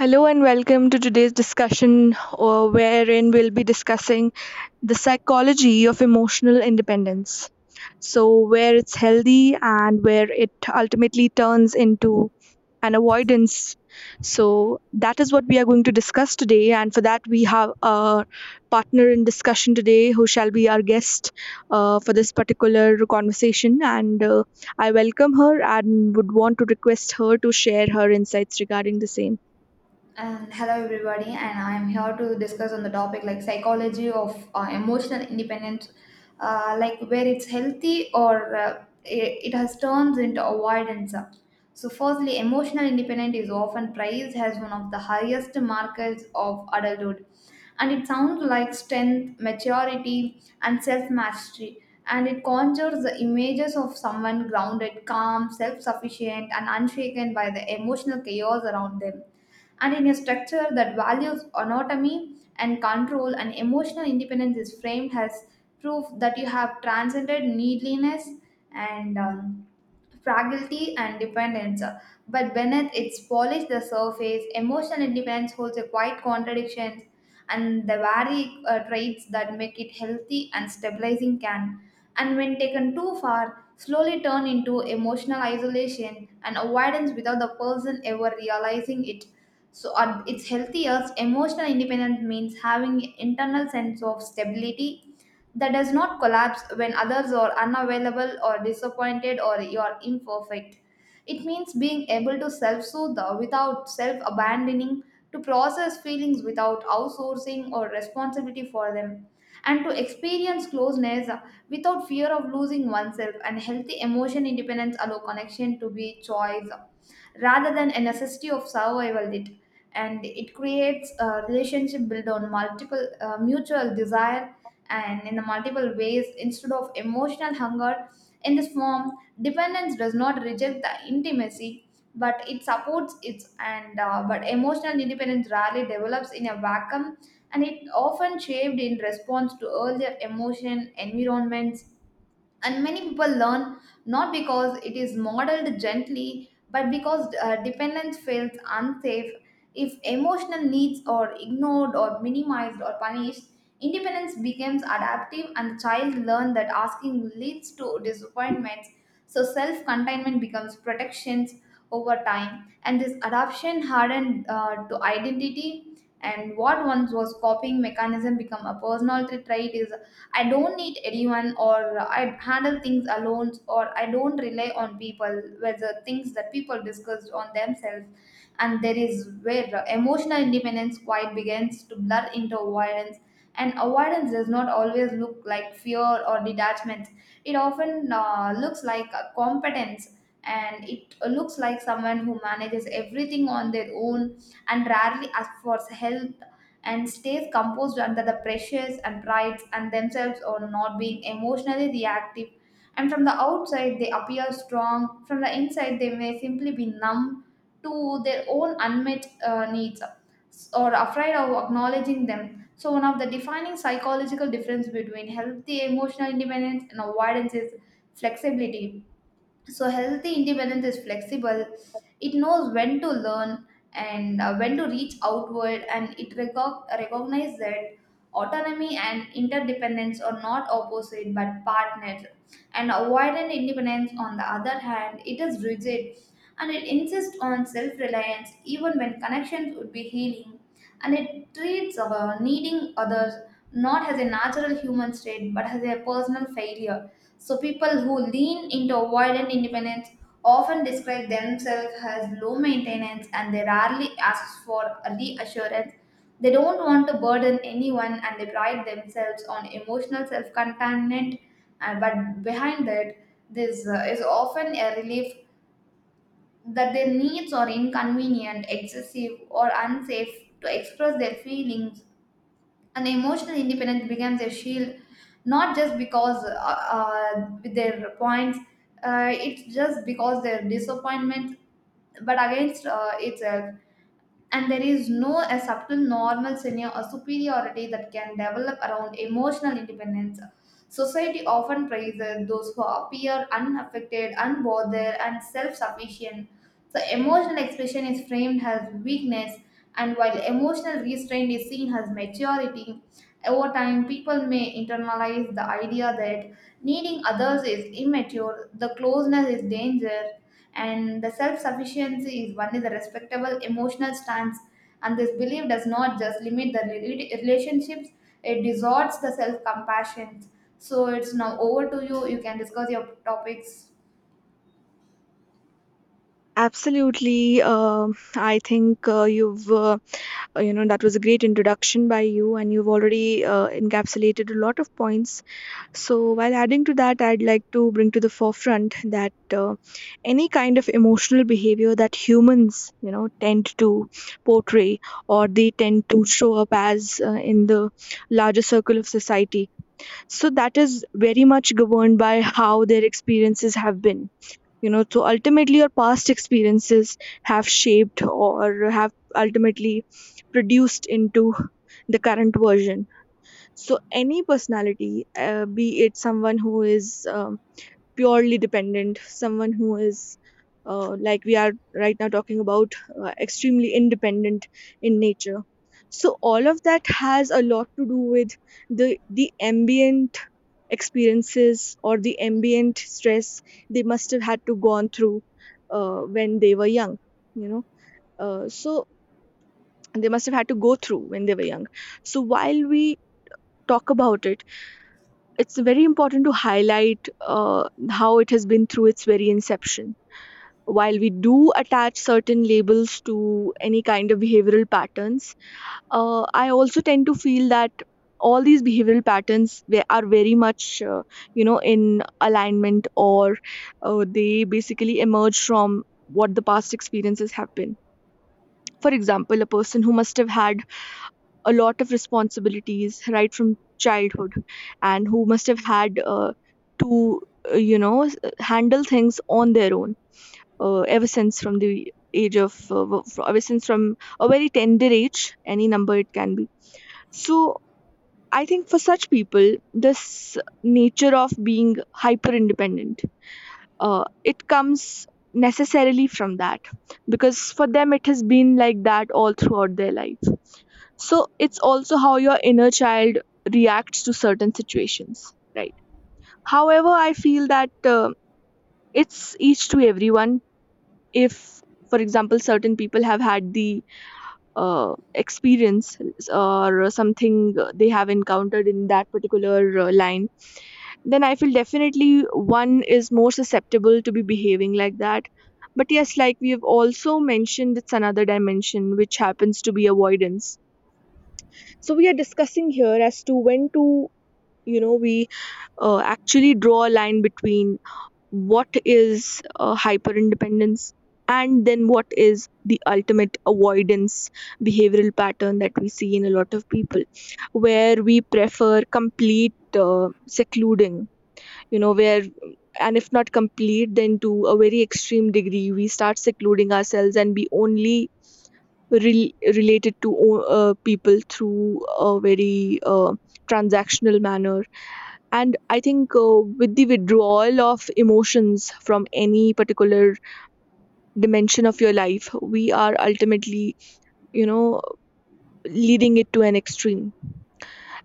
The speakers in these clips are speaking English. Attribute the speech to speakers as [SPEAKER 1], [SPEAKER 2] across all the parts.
[SPEAKER 1] Hello and welcome to today's discussion, wherein we'll be discussing the psychology of emotional independence. So, where it's healthy and where it ultimately turns into an avoidance. So, that is what we are going to discuss today. And for that, we have a partner in discussion today who shall be our guest for this particular conversation. And I welcome her and would want to request her to share her insights regarding the same.
[SPEAKER 2] And hello everybody, and I am here to discuss on the topic like psychology of emotional independence, like where it's healthy or it has turns into avoidance. So, firstly, emotional independence is often praised as one of the highest markers of adulthood, and it sounds like strength, maturity, and self mastery. And it conjures the images of someone grounded, calm, self sufficient, and unshaken by the emotional chaos around them, and in a structure that values autonomy and control, and emotional independence is framed as proof that you have transcended needliness and fragility and dependence. But beneath its polished the surface, emotional independence holds a quiet contradiction, and the varied traits that make it healthy and stabilizing can, and when taken too far, slowly turn into emotional isolation and avoidance without the person ever realizing it. So at its healthiest, emotional independence means having internal sense of stability that does not collapse when others are unavailable or disappointed or you're imperfect. It means being able to self soothe without self abandoning, to process feelings without outsourcing or responsibility for them, and to experience closeness without fear of losing oneself. And healthy emotion independence allow connection to be choice rather than a necessity of survival. It and it creates a relationship built on multiple mutual desire and in the multiple ways instead of emotional hunger in this form. Dependence does not reject the intimacy, but it supports it. And but emotional independence rarely develops in a vacuum, and it often shaped in response to earlier emotion environments, and many people learn not because it is modeled gently, but because dependence feels unsafe. If emotional needs are ignored or minimized or punished, independence becomes adaptive, and the child learns that asking leads to disappointments. So self-containment becomes protections over time, and this adoption hardened to identity, and what once was copying mechanism become a personal trait is I don't need anyone, or I handle things alone, or I don't rely on people, whether things that people discuss on themselves. And there is where emotional independence quite begins to blur into avoidance. And avoidance does not always look like fear or detachment. It often looks like a competence, and it looks like someone who manages everything on their own and rarely asks for help and stays composed under the pressures and prides and themselves on not being emotionally reactive. And from the outside they appear strong, from the inside they may simply be numb to their own unmet needs or afraid of acknowledging them. So one of the defining psychological difference between healthy emotional independence and avoidance is flexibility. So healthy independence is flexible. It knows when to learn and when to reach outward, and it recognizes that autonomy and interdependence are not opposite but partners. And avoidant independence, on the other hand, it is rigid, and it insists on self-reliance even when connections would be healing, and it treats needing others not as a natural human state but as a personal failure. So people who lean into avoidant independence often describe themselves as low maintenance, and they rarely ask for a reassurance. They don't want to burden anyone and they pride themselves on emotional self-containment. And but behind that, this is often a relief that their needs are inconvenient, excessive, or unsafe to express their feelings. And emotional independence becomes a shield, not just because with their points, it's just because their disappointment, but against itself. And there is no a subtle normal senior or superiority that can develop around emotional independence. Society often praises those who appear unaffected unbothered and self-sufficient. So, emotional expression is framed as weakness, and while emotional restraint is seen as maturity, over time people may internalize the idea that needing others is immature, the closeness is danger, and the self sufficiency is only the respectable emotional stance. And this belief does not just limit the relationships, it distorts the self compassion. So, it's now over to you. You can discuss your topics.
[SPEAKER 1] Absolutely. I think you know, that was a great introduction by you, and you've already encapsulated a lot of points. So, while adding to that, I'd like to bring to the forefront that uh, any kind of emotional behavior that humans, you know, tend to portray or they tend to show up as in the larger circle of society. So, that is very much governed by how their experiences have been, you know, so ultimately your past experiences have shaped or have ultimately produced into the current version. So any personality, be it someone who is purely dependent, someone who is, like we are right now talking about, extremely independent in nature. So all of that has a lot to do with the ambient experiences or the ambient stress they must have had to gone through when they were young. You know, so they must have had to go through when they were young. So while we talk about it, it's very important to highlight how it has been through its very inception. While we do attach certain labels to any kind of behavioral patterns, I also tend to feel that all these behavioral patterns, they are very much, in alignment, or they basically emerge from what the past experiences have been. For example, a person who must have had a lot of responsibilities right from childhood and who must have had to handle things on their own ever since from the age of ever since from a very tender age, any number it can be. So I think for such people, this nature of being hyper independent, it comes necessarily from that because for them it has been like that all throughout their life. So it's also how your inner child reacts to certain situations, right? However, I feel that uh, it's each to everyone. If, for example, certain people have had the experience or something they have encountered in that particular line, then I feel definitely one is more susceptible to be behaving like that. But yes, like we have also mentioned, it's another dimension which happens to be avoidance. So we are discussing here as to when to, you know, we actually draw a line between what is hyper independence and then what is the ultimate avoidance behavioral pattern that we see in a lot of people, where we prefer complete secluding, you know, where, and if not complete, then to a very extreme degree we start secluding ourselves, and we only related to people through a very transactional manner. And I think, with the withdrawal of emotions from any particular dimension of your life, we are ultimately, you know, leading it to an extreme.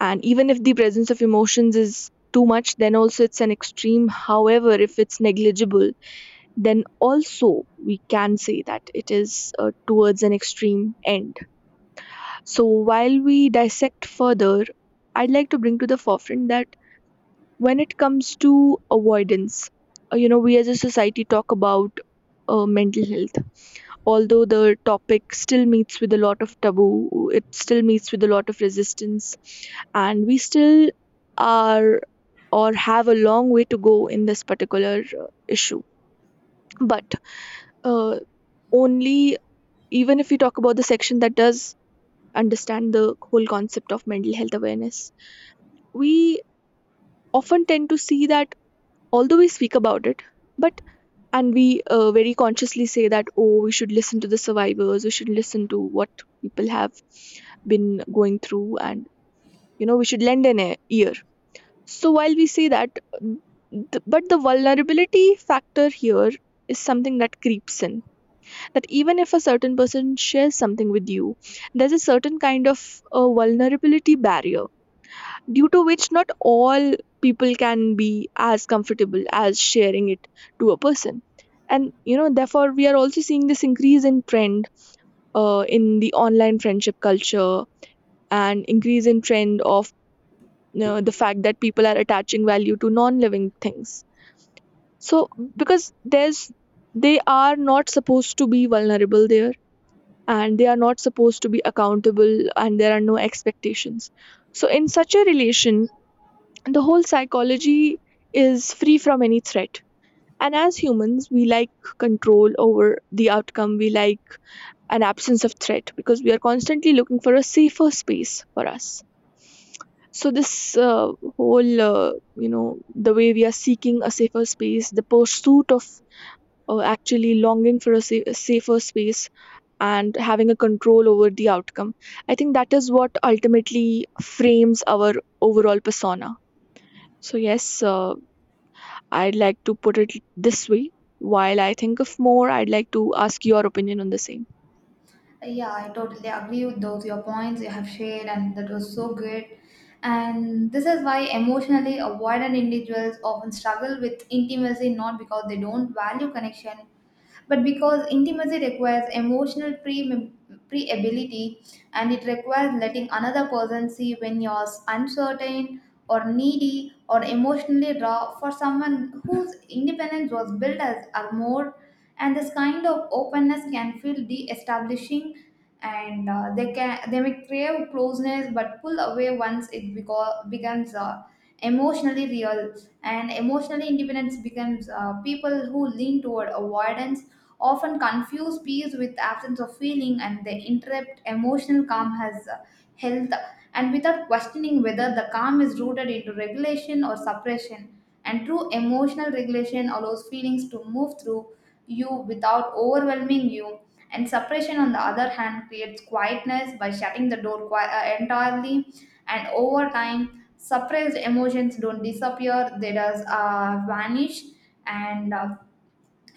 [SPEAKER 1] And even if the presence of emotions is too much, then also it's an extreme. However, if it's negligible, then also we can say that it is towards an extreme end. So while we dissect further, I'd like to bring to the forefront that when it comes to avoidance, you know, we as a society talk about mental health. Although the topic still meets with a lot of taboo, it still meets with a lot of resistance, and we still are, or have a long way to go in this particular issue. But, uh, only even if we talk about the section that does understand the whole concept of mental health awareness, we often tend to see that although we speak about it, but and we very consciously say that, oh, we should listen to the survivors, we should listen to what people have been going through, and, you know, we should lend an ear. So while we say that, but the vulnerability factor here is something that creeps in, that even if a certain person shares something with you, there's a certain kind of vulnerability barrier, due to which not all people can be as comfortable as sharing it to a person. And, you know, therefore we are also seeing this increase in trend in the online friendship culture and increase in trend of, you know, the fact that people are attaching value to non-living things. So because there's, they are not supposed to be vulnerable there, and they are not supposed to be accountable, and there are no expectations. So in such a relation, the whole psychology is free from any threat. And as humans, we like control over the outcome, we like an absence of threat because we are constantly looking for a safer space for us. So, this whole, the way we are seeking a safer space, the pursuit of actually longing for a, a safer space and having a control over the outcome, I think that is what ultimately frames our overall persona. So, yes, I'd like to put it this way. While I think of more, I'd like to ask your opinion on the same.
[SPEAKER 2] Yeah, I totally agree with those your points you have shared, and that was so great. And this is why emotionally avoidant individuals often struggle with intimacy, not because they don't value connection, but because intimacy requires emotional pre pre ability, and it requires letting another person see when you're uncertain or needy or emotionally raw. For someone whose independence was built as armor, and this kind of openness can feel de-establishing, and they can they may crave closeness but pull away once it becomes emotionally real. And emotionally independence becomes people who lean toward avoidance often confuse peace with absence of feeling, and they interrupt emotional calm as health and without questioning whether the calm is rooted into regulation or suppression. And true emotional regulation allows feelings to move through you without overwhelming you, and suppression on the other hand creates quietness by shutting the door entirely. And over time suppressed emotions don't disappear, they just vanish. And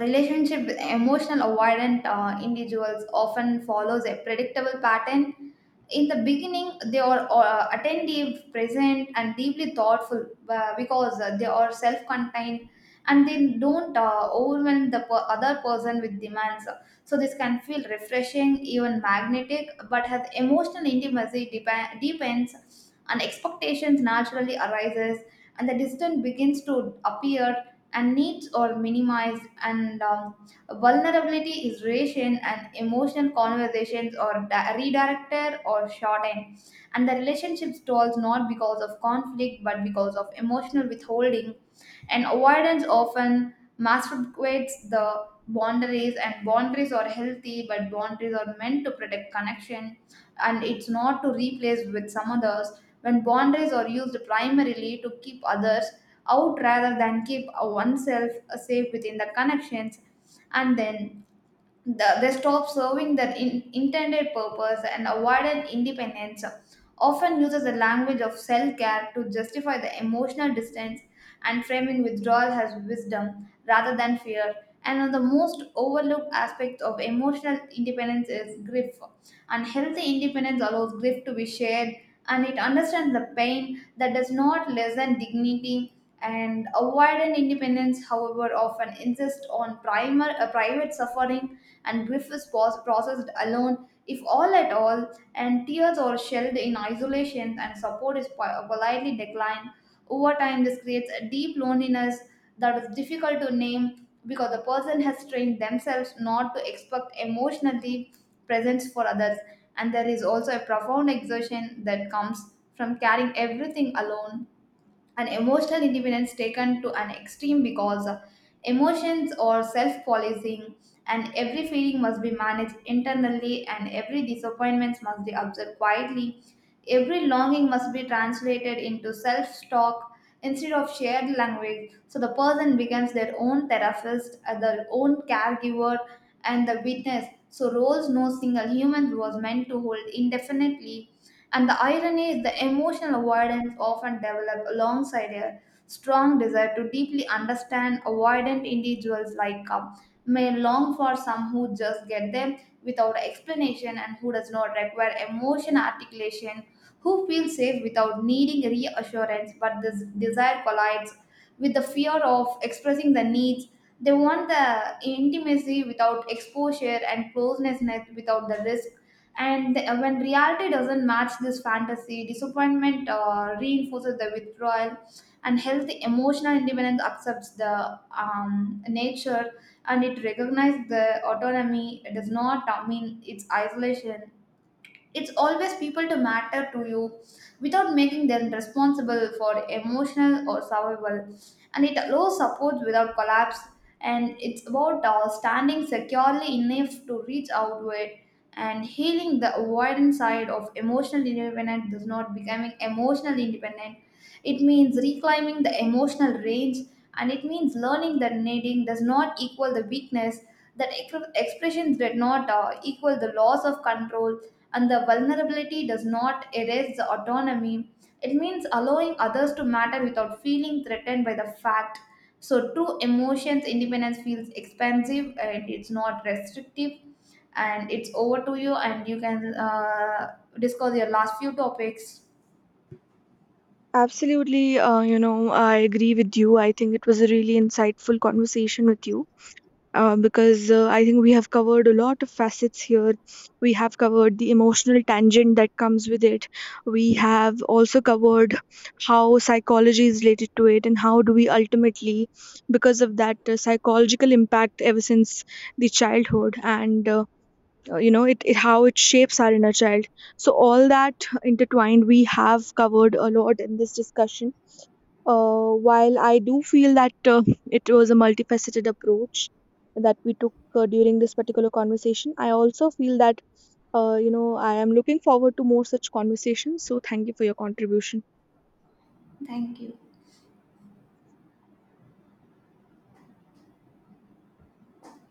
[SPEAKER 2] relationship with emotional avoidant individuals often follows a predictable pattern. In the beginning they are attentive present and deeply thoughtful because they are self-contained, and they don't overwhelm the other person with demands. So this can feel refreshing, even magnetic, but has emotional intimacy depends on expectations naturally arises, and the distance begins to appear, and needs are minimized, and vulnerability is rationed, and emotional conversations are redirected or shortened. And the relationship stalls not because of conflict but because of emotional withholding. And avoidance often masquerades the boundaries, and boundaries are healthy, but boundaries are meant to protect connection, and it's not to replace with some others. When boundaries are used primarily to keep others out rather than keep oneself safe within the connections, and then they stop serving their intended purpose. And avoidant independence often uses the language of self-care to justify the emotional distance and framing withdrawal as wisdom rather than fear. And one of the most overlooked aspects of emotional independence is grief. And healthy independence allows grief to be shared, and it understands the pain that does not lessen dignity. And avoidant independence, however, often insists on primer, private suffering, and grief is processed alone, if all at all, and tears are shed in isolation, and support is politely declined. Over time, this creates a deep loneliness that is difficult to name because the person has trained themselves not to expect emotionally presence for others. And there is also a profound exhaustion that comes from carrying everything alone, and emotional independence taken to an extreme because emotions are self-policing, and every feeling must be managed internally, and every disappointment must be observed quietly, every longing must be translated into self-talk instead of shared language. So the person becomes their own therapist, their own caregiver and the witness, so roles no single human was meant to hold indefinitely. And the irony is the emotional avoidance often develops alongside a strong desire to deeply understand. Avoidant individuals like may long for some who just get them without explanation and who does not require emotion articulation, who feel safe without needing reassurance, but this desire collides with the fear of expressing the needs. They want the intimacy without exposure and closeness without the risk. And when reality doesn't match this fantasy, disappointment reinforces the withdrawal. And healthy emotional independence accepts the nature, and it recognizes the autonomy. It does not mean it's isolation, it's always people to matter to you without making them responsible for emotional or survival, and it allows support without collapse, and it's about standing securely enough to reach outward. And healing the avoidance side of emotional independence does not becoming emotional independent, it means reclaiming the emotional range, and it means learning that needing does not equal the weakness, that expressions did not equal the loss of control, and the vulnerability does not erase the autonomy. It means allowing others to matter without feeling threatened by the fact. So, true emotions independence feels expansive and it's not restrictive. And it's over to you, and you can discuss your last few topics.
[SPEAKER 1] Absolutely. You know, I agree with you. I think it was a really insightful conversation with you, because I think we have covered a lot of facets here. We have covered the emotional tangent that comes with it. We have also covered how psychology is related to it and how do we ultimately, because of that psychological impact ever since the childhood, and you know, it, how it shapes our inner child. So all that intertwined, we have covered a lot in this discussion. While I do feel that it was a multifaceted approach that we took during this particular conversation, I also feel that, you know, I am looking forward to more such conversations. So thank you for your contribution.
[SPEAKER 2] Thank you.